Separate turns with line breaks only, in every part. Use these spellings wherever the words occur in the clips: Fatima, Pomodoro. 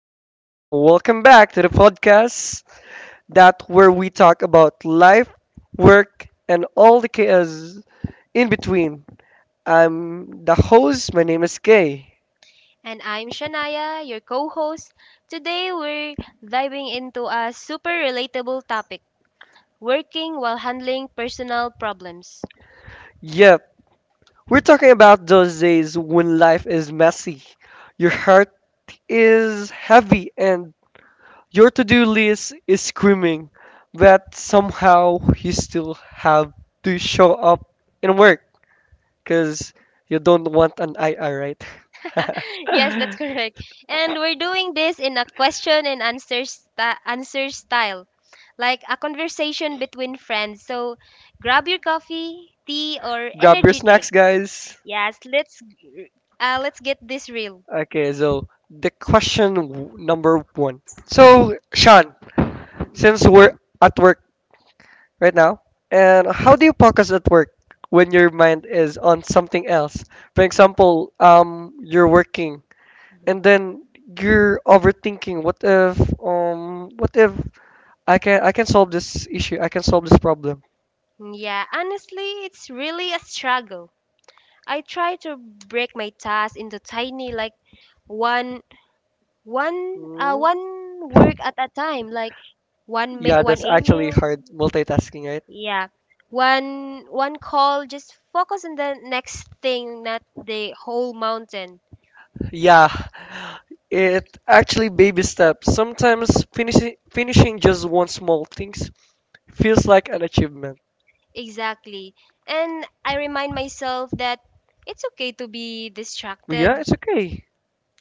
evening, and welcome back to the podcast that where we talk about life, work, and all the chaos in between. I'm the host, my name is Kay.
And I'm Shania, your co host. Today we're diving into a super relatable topic working while handling personal problems.
Yep, we're talking about those days when life is messy, your heart is heavy, and your to do list is screaming, but somehow you still have to show up and work. Because you don't want an IR, right?
Yes, that's correct. And we're doing this in a question and answer, answer style, like a conversation between friends. So grab your coffee, tea, or
Grab your
energy drink.
snacks, guys.
Yes, let's get this real.
Okay, so the number one. So, Sean, since we're at work right now, and how do you focus at work when your mind is on something else? For example, you're working and then you're overthinking. What if, what if I can solve this issue? I can solve this problem.
Mm, yeah, honestly, it's really a struggle. I try to break my tasks into tiny, like one one uh
Hmm?
one work at a time, like
Yeah,
one
that's actually
email,
hard multitasking, right?
yeah, one call. Just focus on the next thing, not the whole mountain.
Yeah, it actually baby steps. Sometimes finishing just one small things feels like an achievement.
Exactly. And I remind myself that it's okay to be
But yeah,
distracted.
it's okay.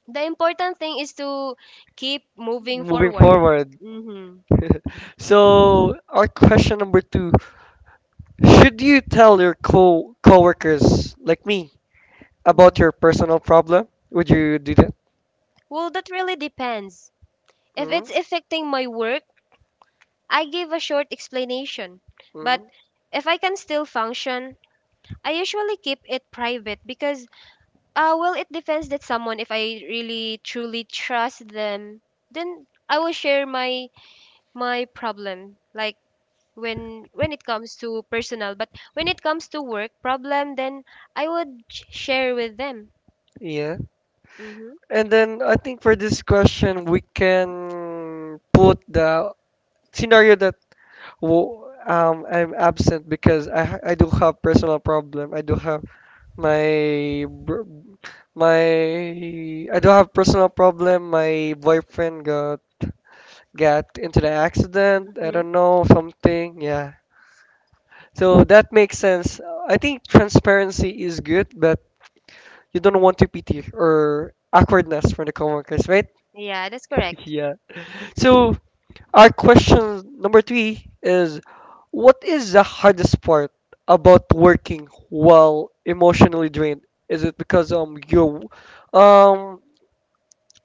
The important thing is to keep moving
Moving
forward.
forward.
Mm-hmm.
So our question number two: should you tell your co coworkers like me about your personal problem? Would you do that?
Well, that really depends. If
Mm.
it's affecting my work, I gave a short explanation,
Mm.
but if I can still function, I usually keep it private because, well, it depends that someone. If I really truly trust them, then I will share my problem, like when it comes to personal. But when it comes to work problem, then I would share with them.
Yeah.
Mm-hmm.
And then I think for this question we can put the scenario that I'm absent because I do have personal problem. My br- my I do have personal problem. My boyfriend got into the accident. I don't know something. Yeah. So that makes sense. I think transparency is good, but you don't want to pity or awkwardness from the coworkers, right?
Yeah, that's correct.
Yeah. So our question number three is, what is the hardest part about working while emotionally drained? Is it because um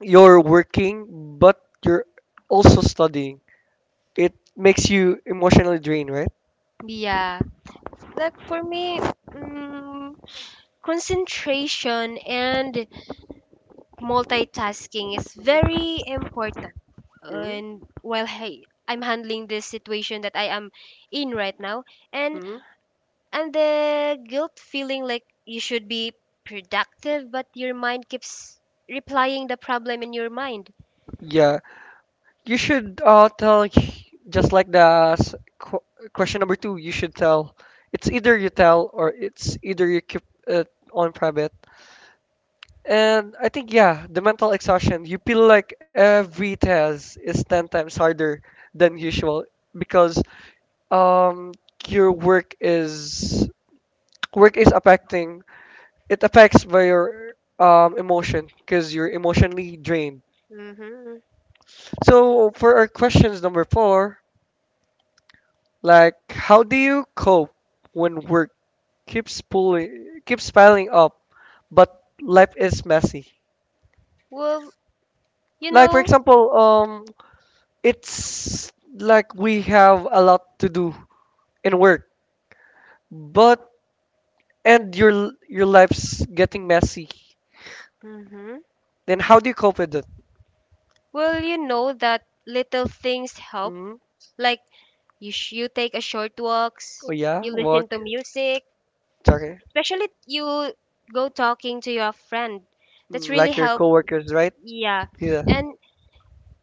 you're working but you're also studying? It makes you emotionally drained, right?
Yeah, like for me, mm, concentration and multitasking is very important.
Mm-hmm.
And while hey, I'm handling this situation that I am in right now, and
Mm-hmm.
the guilt feeling like you should be productive, but your mind keeps replying the problem in your mind.
Yeah, you should just like the question number two. You should tell. It's either you tell or it's either you keep it on private. And I think yeah, the mental exhaustion. You feel like every test is ten times harder than usual because um your work is affecting, it affects by your emotion because you're emotionally drained.
Mm-hmm.
So for our questions number four, like, how do you cope when work keeps pulling, keeps piling up, but life is messy?
Well, you
Like, for
know.
example, it's like we have a lot to do in work, but and your your life's getting messy.
Mm-hmm.
Then how do you cope with it?
Well, you know that little things help.
Hmm?
Like you take a short walks,
Oh yeah,
you listen to
work.
music,
Okay.
especially you go talking to your friend that's
Mm,
really
like your
help,
coworkers, right?
yeah,
Yeah.
and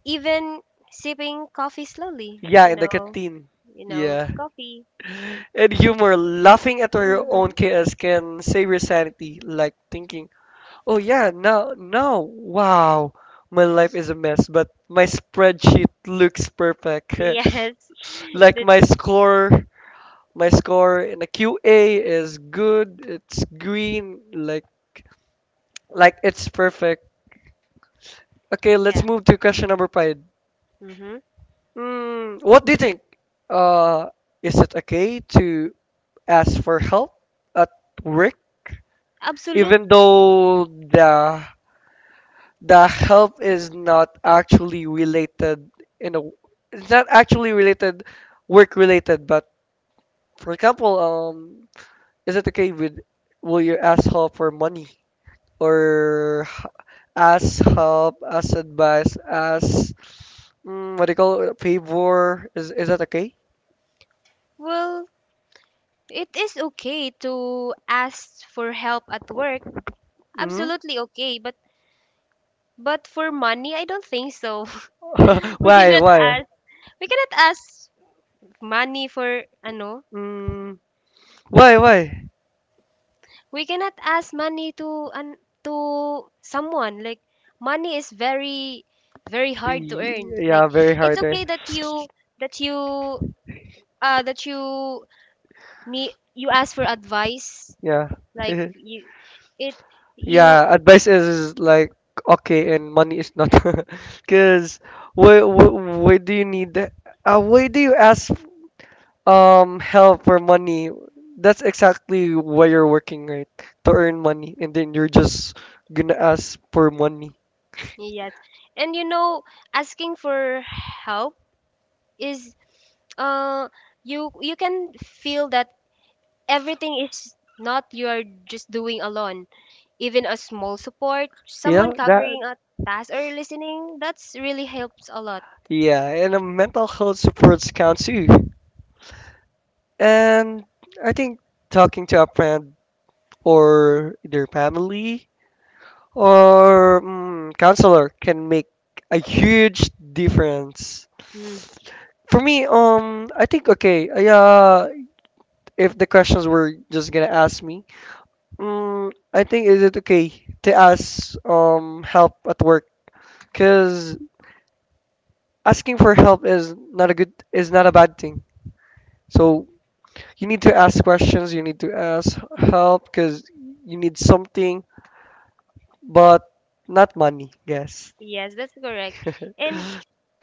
even sipping coffee slowly,
Yeah,
you
in the
know
canteen.
you know
Yeah.
coffee.
And humor, laughing at your
Mm-hmm.
own chaos can save your sanity, like thinking, oh yeah, no, no, wow, my life is a mess, but my spreadsheet looks perfect.
Yes.
Like
That-
my score in the QA is good, it's green, like it's perfect. Okay, let's
yeah.
move to question number five.
Mm-hmm.
Mm, what do you think? Uh, is it okay to ask for help at work?
Absolute.
Even though the help is not actually related in a, it's not actually related work related but for example is it okay with, will you ask help for money or ask help, ask advice, ask, mm, what do you call it, favor, is that okay?
Well, it is okay to ask for help at work,
Mm?
absolutely okay, but for money I don't think so. we
Why
cannot
why?
ask we cannot ask money for ano,
Mm, why why?
we cannot ask money to an, to someone, like money is very very hard to earn, like
Yeah very
it's
hard right.
okay that you that you need you ask for advice,
Yeah.
like you it you.
Yeah, advice is like okay, and money is not, because why, why do you need that? Why do you ask help for money? That's exactly why you're working, right? To earn money, and then you're just gonna ask for money.
Yes, and you know asking for help is, uh you you can feel that everything is not you're just doing alone. Even a small support, someone
Yeah, that.
covering a task or listening, that's really helps a lot.
Yeah, and a mental health supports count too. And I think talking to a friend or their family or mm, counselor can make a huge difference.
Mm,
For me, I think okay, yeah. If the questions were just gonna ask me, I think is it okay to ask help at work? Cause asking for help is not a good is not a bad thing. So you need to ask questions. You need to ask help because you need something, but not money. Yes.
yes, that's correct. And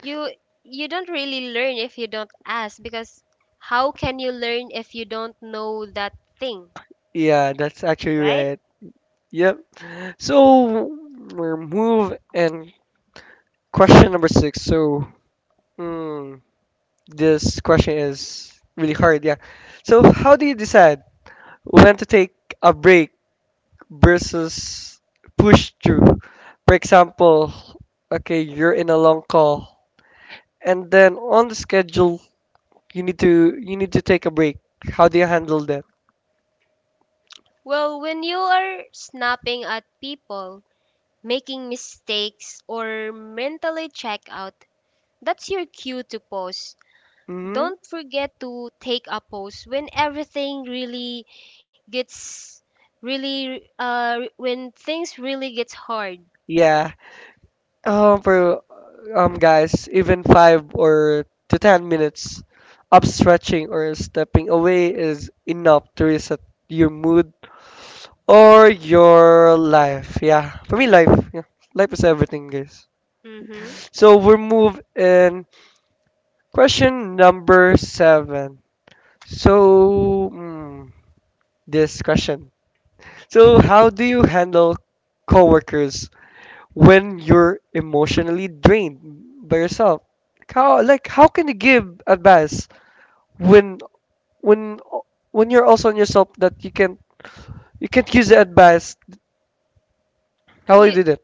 you you don't really learn if you don't ask because how can you learn if you don't know that thing?
Yeah, that's actually
Right?
right. Yep. So we're move and question number six. So mm, this question is really hard. Yeah. So how do you decide when to take a break versus push through? For example, okay, you're in a long call, and then on the schedule you need to take a break. How do you handle that?
Well, when you are snapping at people, making mistakes, or mentally check out, that's your cue to pause.
Hmm.
Don't forget to take a pause when everything really gets really when things really gets hard.
Yeah. Oh, bro, guys, even five or to 10 minutes of stretching or stepping away is enough to reset your mood or your life. Yeah, for me, life. Yeah, life is everything, guys.
Mhm.
So we're move in question number seven. So mm, this question. So how do you handle coworkers when you're emotionally drained by yourself. Like how can you give advice when when when you're also on yourself that you can't use the advice? How will
You
you do
you
that?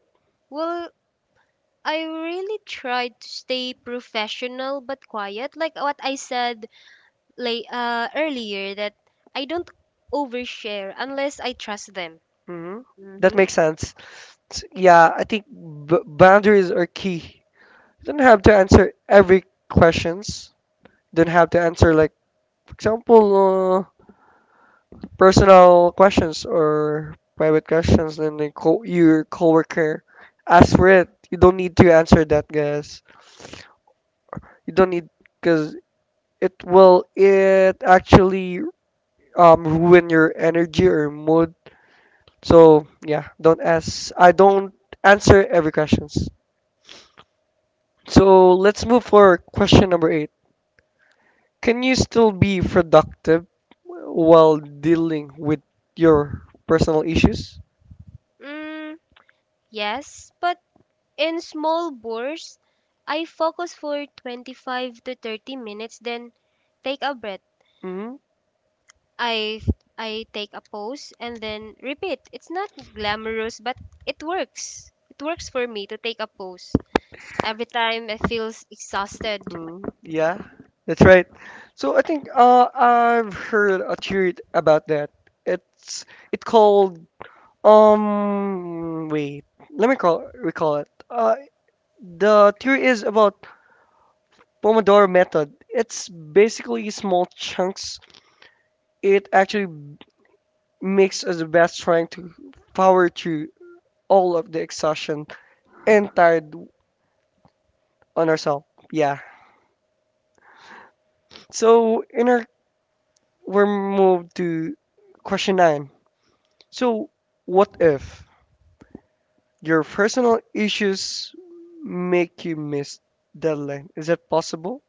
well, I really tried to stay professional but quiet like what I said earlier, that I don't overshare unless I trust them.
Hmm. That makes sense. Yeah, I think boundaries are key. You don't have to answer every questions. Don't have to answer like, for example, personal questions or private questions, then the your coworker ask for it. You don't need to answer that, guys. You don't need, because it actually ruin your energy or mood. So yeah, don't ask. I don't answer every questions. So let's move for question number eight. Can you still be productive while dealing with your personal issues?
Mm, yes, but in small bursts I focus for 25 to 30 minutes, then take a breath.
Mm-hmm.
I I take a pose and then repeat. It's not glamorous, but it works. It works for me to take a pose every time I feel exhausted.
Mm, yeah, that's right. So I think I've heard a theory about that. It's it called wait, let me call recall it. The theory is about Pomodoro method. It's basically small chunks. It actually makes us the best trying to power through all of the exhaustion and tired on ourselves. Yeah. So in our we're moved to question nine. So, what if your personal issues make you miss deadline? Is that possible?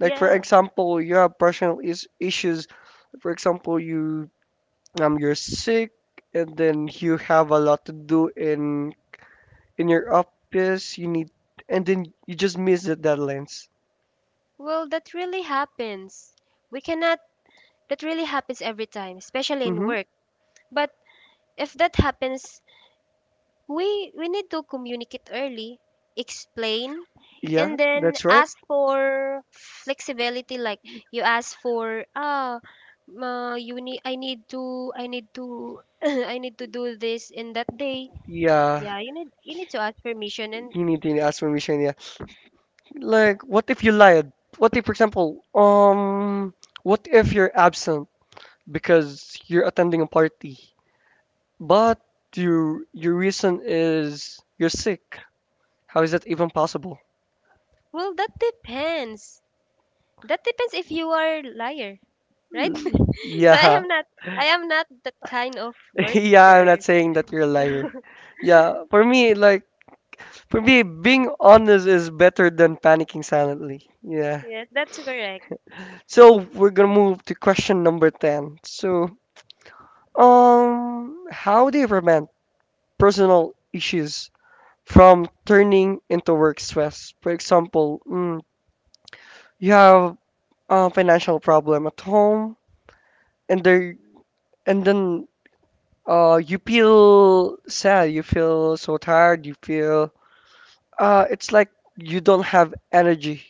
Like for
Yeah.
example, you have personal issues. For example, you you're sick and then you have a lot to do in your office. You need and then you just miss the deadlines.
Well, that really happens. We cannot, that really happens every time, especially in
Mm-hmm.
work. But if that happens we need to communicate early, explain
Yeah,
and then
that's right.
ask for flexibility, like you ask for ah ma, you need I need to I need to do this in that day,
Yeah,
yeah, you need to ask permission and,
you need to ask permission. Like, what if you lied? What if, for example, what if you're absent because you're attending a party, but your reason is you're sick? How is that even possible?
well, that depends, that depends if you are liar, right? so i
Yeah.
am not I am not that kind of worker.
Yeah, I'm not saying that you're a liar. Yeah, for me, like, for me, being honest is better than panicking silently. Yeah.
Yes, that's correct.
So we're gonna move to question number 10. So, how do you prevent personal issues from turning into work stress. For example, mm, you have a financial problem at home, and there, and then you feel sad, you feel so tired, you feel it's like you don't have energy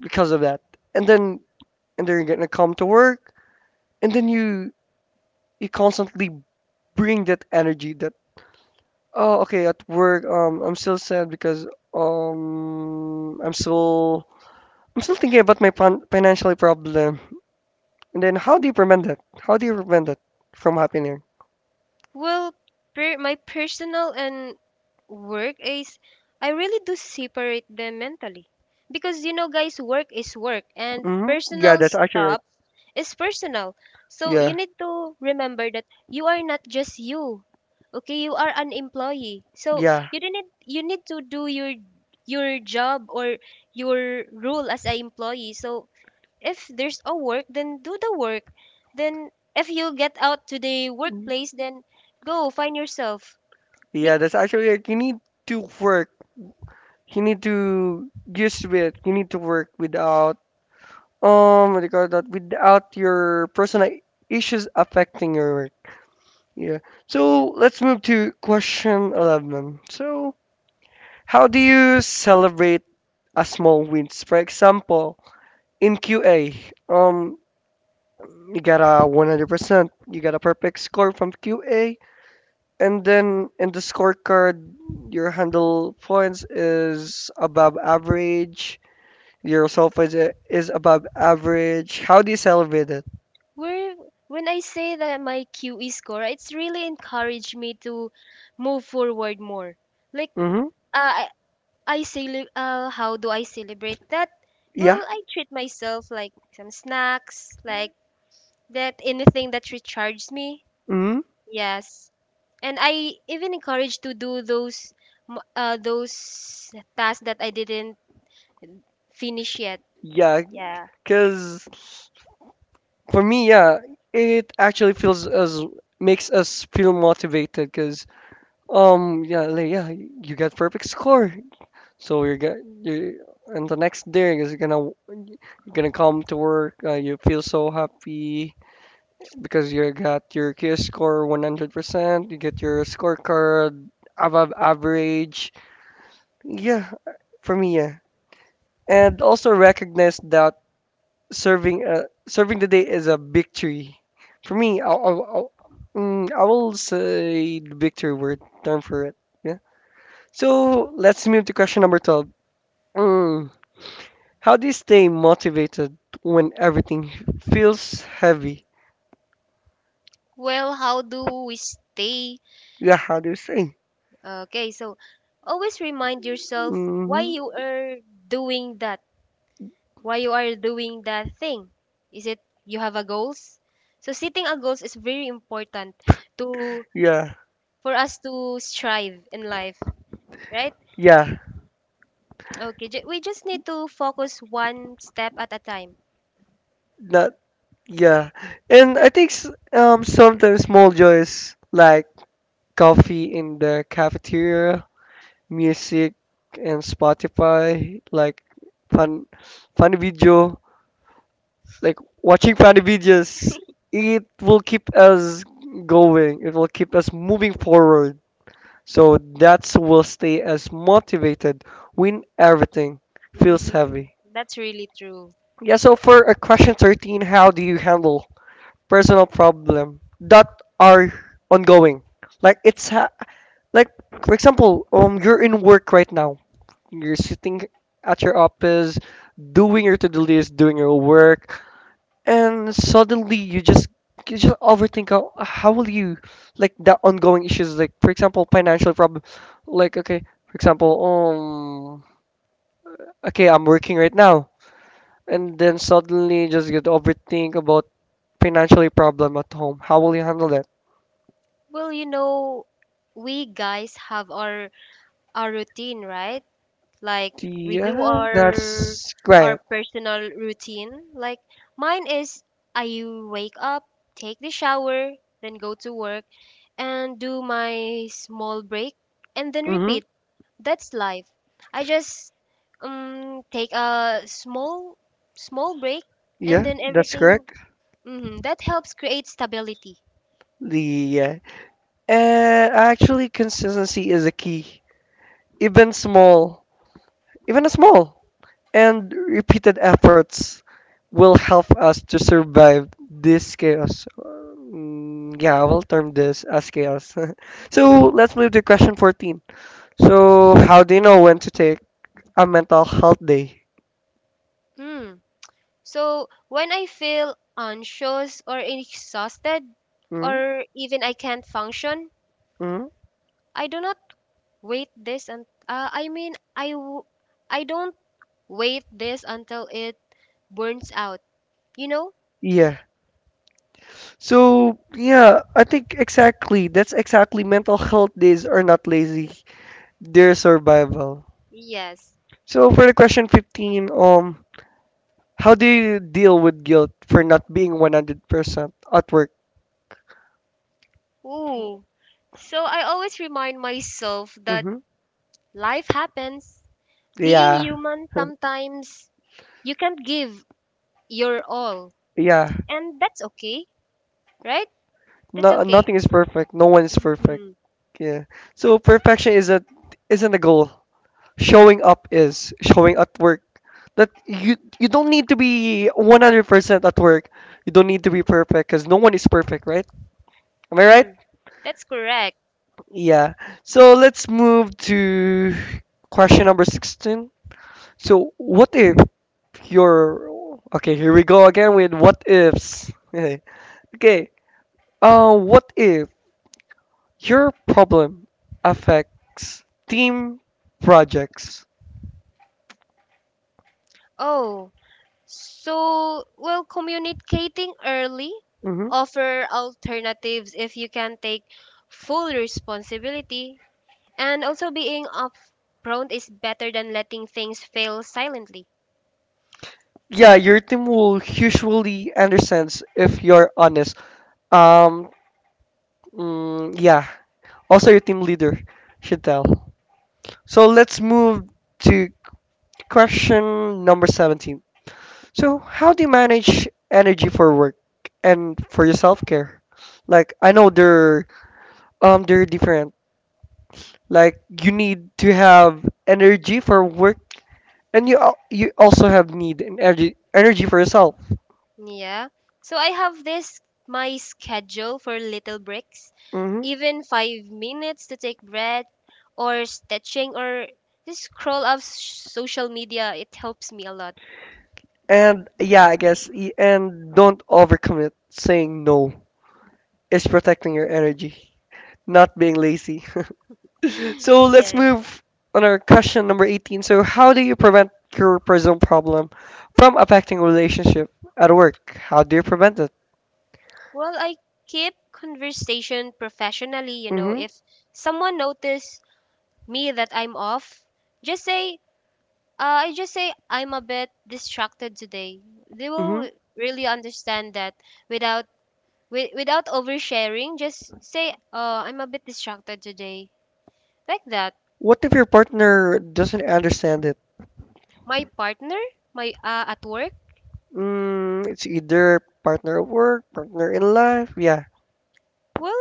because of that. And then, and then you're gonna come to work, and then you constantly bring that energy that oh okay at work I'm still sad because um I'm still I'm still thinking about my financial problem. And then how do you prevent it? How do you prevent it from happening?
Well, per- my personal and work is, I really do separate them mentally. Because you know guys, work is work and
Hmm. Yeah,
personal
that's actually right.
stuff is personal. So you
Yeah.
need to remember that you are not just you. Okay, you are an employee. So
Yeah.
you do need you need to do your job or your role as an employee. So if there's a work then do the work, then if you get out to the
Mhm.
workplace then go find yourself. Bec-
Yeah, that's actually right. You need to work. You need to use with. You need to work without what do you call that? Without your personal issues affecting your work. Yeah. So let's move to question 11. So how do you celebrate a small wins? For example, in QA, um, you got a 100%, you got a perfect score from QA, and then in the scorecard, your handle points is above average, your self is above average. How do you celebrate it?
where when I say that my QE score, it's really encouraged me to move forward more. Like
Mm-hmm.
uh, I I how do I celebrate that? Well,
Yeah.
I treat myself like some snacks, like that, anything that recharges me.
Mm-hmm.
Yes. And I even encouraged to do those those tasks that I didn't finish yet.
Yeah,
Yeah.
because for me, yeah, it actually feels as makes us feel motivated because, um, yeah, like, yeah, you got perfect score. So you and the next day is gonna, you're gonna come to work. You feel so happy because you got your QS score 100%. You get your scorecard above average. Yeah, for me, yeah. And also recognize that serving the day is a victory. For me, I will say the victory word term for it. Yeah. So let's move to question number 12. Mm, how do you stay motivated when everything feels heavy?
Well, how do we stay?
Yeah, how do you stay?
Okay, so always remind yourself why
Hmm.
you are doing that. Why you are doing that thing. Is it you have a goals? So setting a goals is very important to,
Yeah,
for us to strive in life, right?
yeah,
Okay, we just need to focus one step at a time.
that, yeah. And I think s- Sometimes small joys like coffee in the cafeteria, music, and Spotify, like fun, fun video, like watching funny videos, it will keep us going. It will keep us moving forward, so that's will stay as motivated when everything feels
Mhm.
heavy.
That's really true.
Yeah, so for a question 13, how do you handle personal problem that are ongoing, like it's ha- like for example, you're in work right now, you're sitting at your office, doing your to-do list, doing your work, and suddenly you just overthink. How will you, like, the ongoing issues, like for example financial problem, like okay, for example, um okay, I'm working right now, and then suddenly you just get overthink about financially problem at home. How will you handle that?
Well, you know, we guys have our routine, right? Like we do
Yeah, that's
our
correct.
personal routine. Like mine is, I wake up, take the shower, then go to work and do my small break and then
Mm-hmm.
repeat. That's life. I just take a small break, and
Yeah,
then
that's
everything,
correct.
mhm, that helps create stability.
Yeah, and actually consistency is a key. even small Even a small and repeated efforts will help us to survive this chaos. Mm, yeah, I will term this as chaos. So let's move to question 14. So, how do you know when to take a mental health day?
Mm. So when I feel anxious or exhausted
Mm?
or even I can't function,
Mm?
I do not wait this and I mean I w- I don't wait this until it burns out. You know?
Yeah. So, yeah, I think exactly. That's exactly, mental health days are not lazy, they're survival.
Yes.
So, for the question 15, how do you deal with guilt for not being 100% at work?
Ooh. So I always remind myself that
Hmm.
life happens. Being
Yeah.
human, sometimes you can't give your all.
Yeah.
And that's okay, right? That's
No,
okay.
nothing is perfect. No one is perfect.
Mm-hmm.
Yeah. So perfection is a isn't a goal. Showing up is showing at work. That you don't need to be 100% at work. You don't need to be perfect cuz no one is perfect, right? Am I right?
Mm. That's correct.
Yeah. So let's move to question number 16. So what if you're, okay, here we go again with what ifs. Okay. What if your problem affects team projects.
Oh, so, well, communicating early,
Mhm.
offer alternatives if you can take full responsibility, and also being upfront is better than letting things fail silently.
Yeah, your team will usually understands if you're honest. Um, yeah. Also, your team leader should tell. So let's move to question number 17. So, how do you manage energy for work and for your self-care? Like, I know they're different. Like, you need to have energy for work, and you also have need and energy for yourself.
Yeah. So I have this my schedule for little breaks,
Hmm.
even 5 minutes to take breath or stretching or just scroll up s- social media. It helps me a lot.
And yeah, I guess y- and don't overcommit. Saying no is protecting your energy, not being lazy. So let's
Yes.
move on our question number 18. So how do you prevent your present problem from affecting relationship at work? How do you prevent it?
Well, I keep conversation professionally, you know,
Hmm.
if someone notice me that I'm off, just say I just say I'm a bit distracted today. They, mhm,
Hmm.
will really understand that without, without oversharing, just say, I'm a bit distracted today. Like that.
What if your partner doesn't understand it?
My partner, my at work.
Mm, it's either partner at work, partner in life. Yeah.
Well,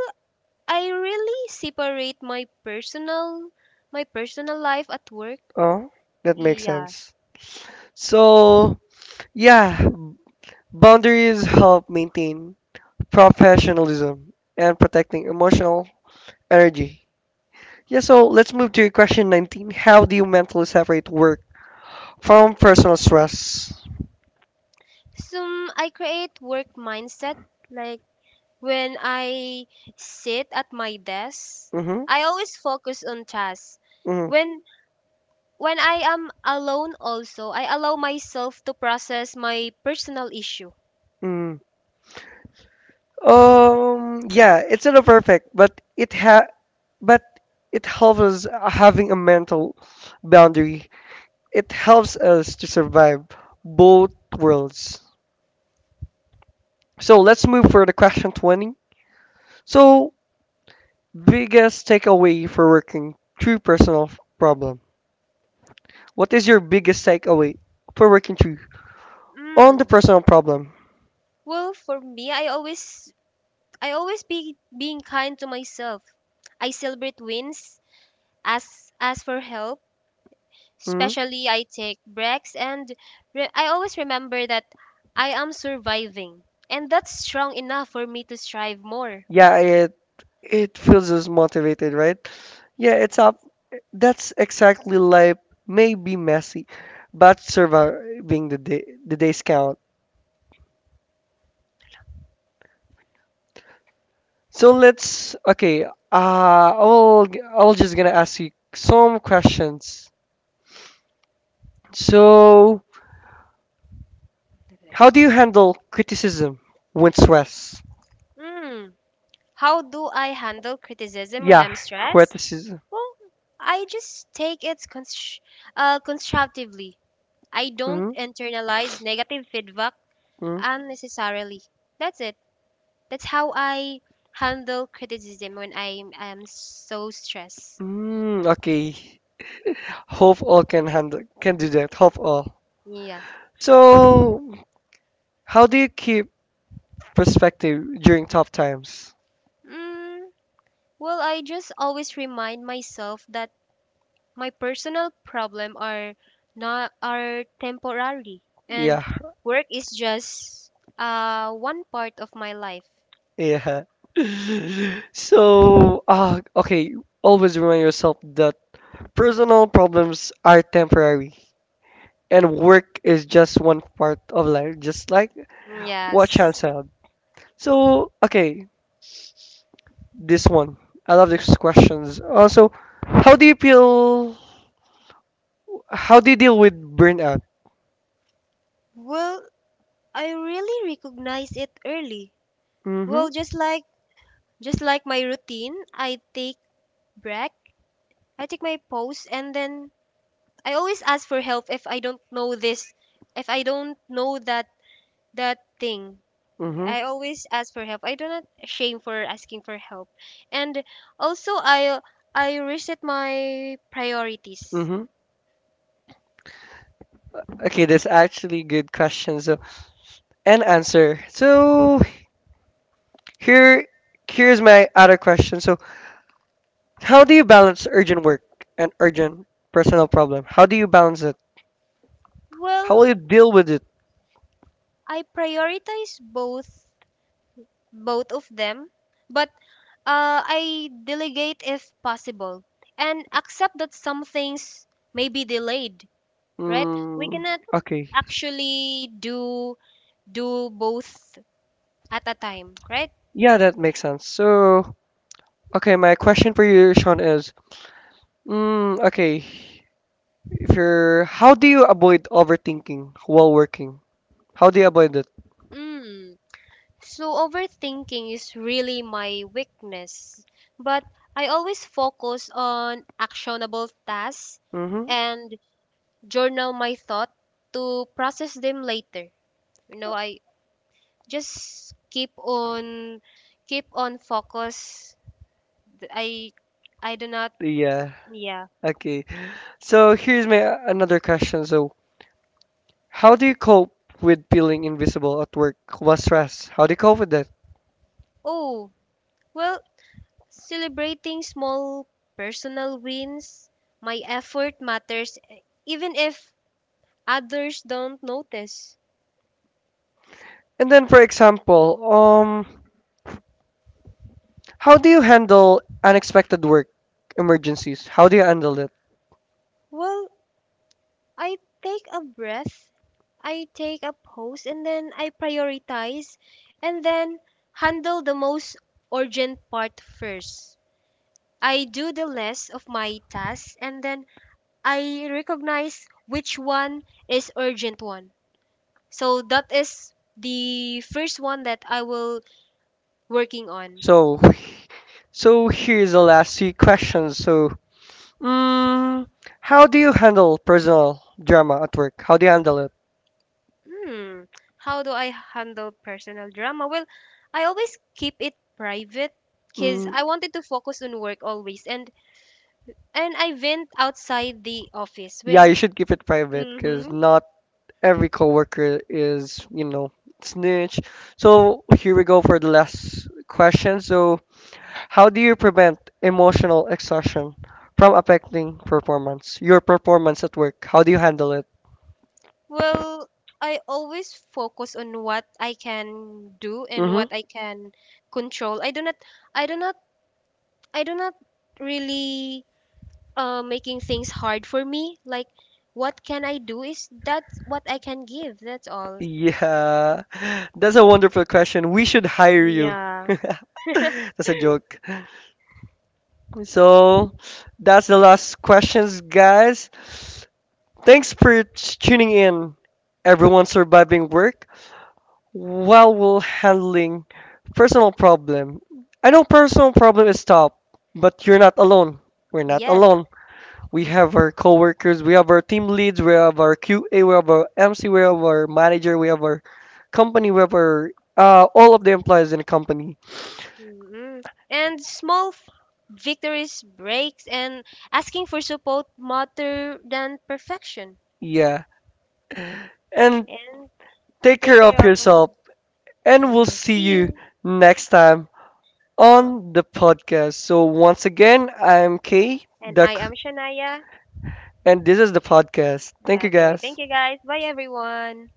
I really separate my personal life at work.
Oh, that makes
Yeah.
sense. So, yeah, boundaries help maintain professionalism and protecting emotional energy. Yeah, so let's move to question 19. How do you mentally separate work from personal stress?
So I create work mindset, like when I sit at my desk,
Mm-hmm.
I always focus on tasks.
Hmm.
When when I am alone also, I allow myself to process my personal issue.
Mm. Yeah, it's not perfect, but it ha but it helps us having a mental boundary. It helps us to survive both worlds. So let's move for the question 20. So, biggest takeaway for working through personal problem. What is your biggest takeaway for working through on
Mm.
the personal problem?
Well, for me, I always be being kind to myself. I celebrate wins, ask for help, mm,
Hmm?
especially I take breaks, and re I always remember that I am surviving and that's strong enough for me to strive more.
Yeah, it feels us motivated, right? Yeah, it's up. That's exactly, life may be messy, but surviving the days count. So let's, okay. I'll just gonna ask you some questions. So how do you handle criticism when stressed?
Mm. How do I handle criticism when
Yeah,
I'm stressed?
criticism.
Well, I just take it constructively. I don't
Mm,
internalize negative feedback
mm,
unnecessarily. That's it. That's how I handle criticism when I am so stressed.
mm, okay. Hope all can handle can do that. Hope all.
Yeah.
So, how do you keep perspective during tough times?
Mm, well, I just always remind myself that my personal problem are not are temporary,
Yeah,
and work is just one part of my life.
yeah. So, okay. Always remind yourself that personal problems are temporary, and work is just one part of life, just like what
Yes.
Chan said. So, okay, this one. I love these questions. Also, how do you feel? How do you deal with burnout?
Well, I really recognize it early.
Mm-hmm.
Well, just like my routine, I take break, I take my pause, and then I always ask for help if I don't know this, if I don't know that that thing.
Mm-hmm.
I always ask for help. I do not shame for asking for help, and also I reset my priorities.
Mm-hmm. Okay, that's actually good question. So, and answer. So, here, here's my other question. So, how do you balance urgent work and urgent personal problem? How do you balance it? How
Well,
will you deal with it?
I prioritize both of them, but I delegate if possible and accept that some things may be delayed, right? We
Mm,
cannot
okay.
actually do both at a time, right?
Yeah, that makes sense. So, okay, my question for you, Sean, is, mm, okay, if you're, how do you avoid overthinking while working? How do you avoid it?
Mm. So overthinking is really my weakness, but I always focus on actionable tasks
Mm-hmm.
and journal my thought to process them later. You know, I just keep on focus. Th- i I do not
Yeah.
yeah.
Okay. So here's my another question. So, how do you cope with feeling invisible at work? What stress? How do you cope with that?
Oh, well, celebrating small personal wins, my effort matters, even if others don't notice.
And then, for example, how do you handle unexpected work emergencies? How do you handle it?
Well, I take a breath, I take a pause and then I prioritize and then handle the most urgent part first. I do the less of my tasks and then I recognize which one is urgent one. So that is the first one that I will working on.
So, here's the last three questions. So, mm, how do you handle personal drama at work? How do you handle it?
Hmm. How do I handle personal drama? Well, I always keep it private because
Mm,
I wanted to focus on work always, and I went outside the office
yeah, you
when
should keep it private because
mm-hmm.
not every coworker is, you know, snitch. So here we go for the last question. So, how do you prevent emotional exhaustion from affecting performance? Your performance at work. How do you handle it?
Well, I always focus on what I can do and
Mm-hmm.
what I can control. I do not I do not really, making things hard for me. Like, what can I do is that's what I can give. That's all.
Yeah. That's a wonderful question. We should hire you.
Yeah.
That's a joke. So that's the last questions, guys. Thanks for t- tuning in. Everyone surviving work while we're handling personal problem. I know personal problem is tough, but you're not alone. We're not
Yes.
alone. We have our coworkers, we have our team leads, we have our QA, we have our MC, we have our manager, we have our company, we have our all of the employees in the company.
Mm. And small victories, breaks, and asking for support matter than perfection.
Yeah. And
And
take
take
care of
care of yourself.
yourself. And
And
we'll
we'll
see
see
you
you.
next time
Oh.
on the podcast. So, once again, I'm Kay,
And
the,
I
c-
am Shania.
and this is the podcast. Thank you,
Okay.
guys.
Thank you guys. Bye everyone.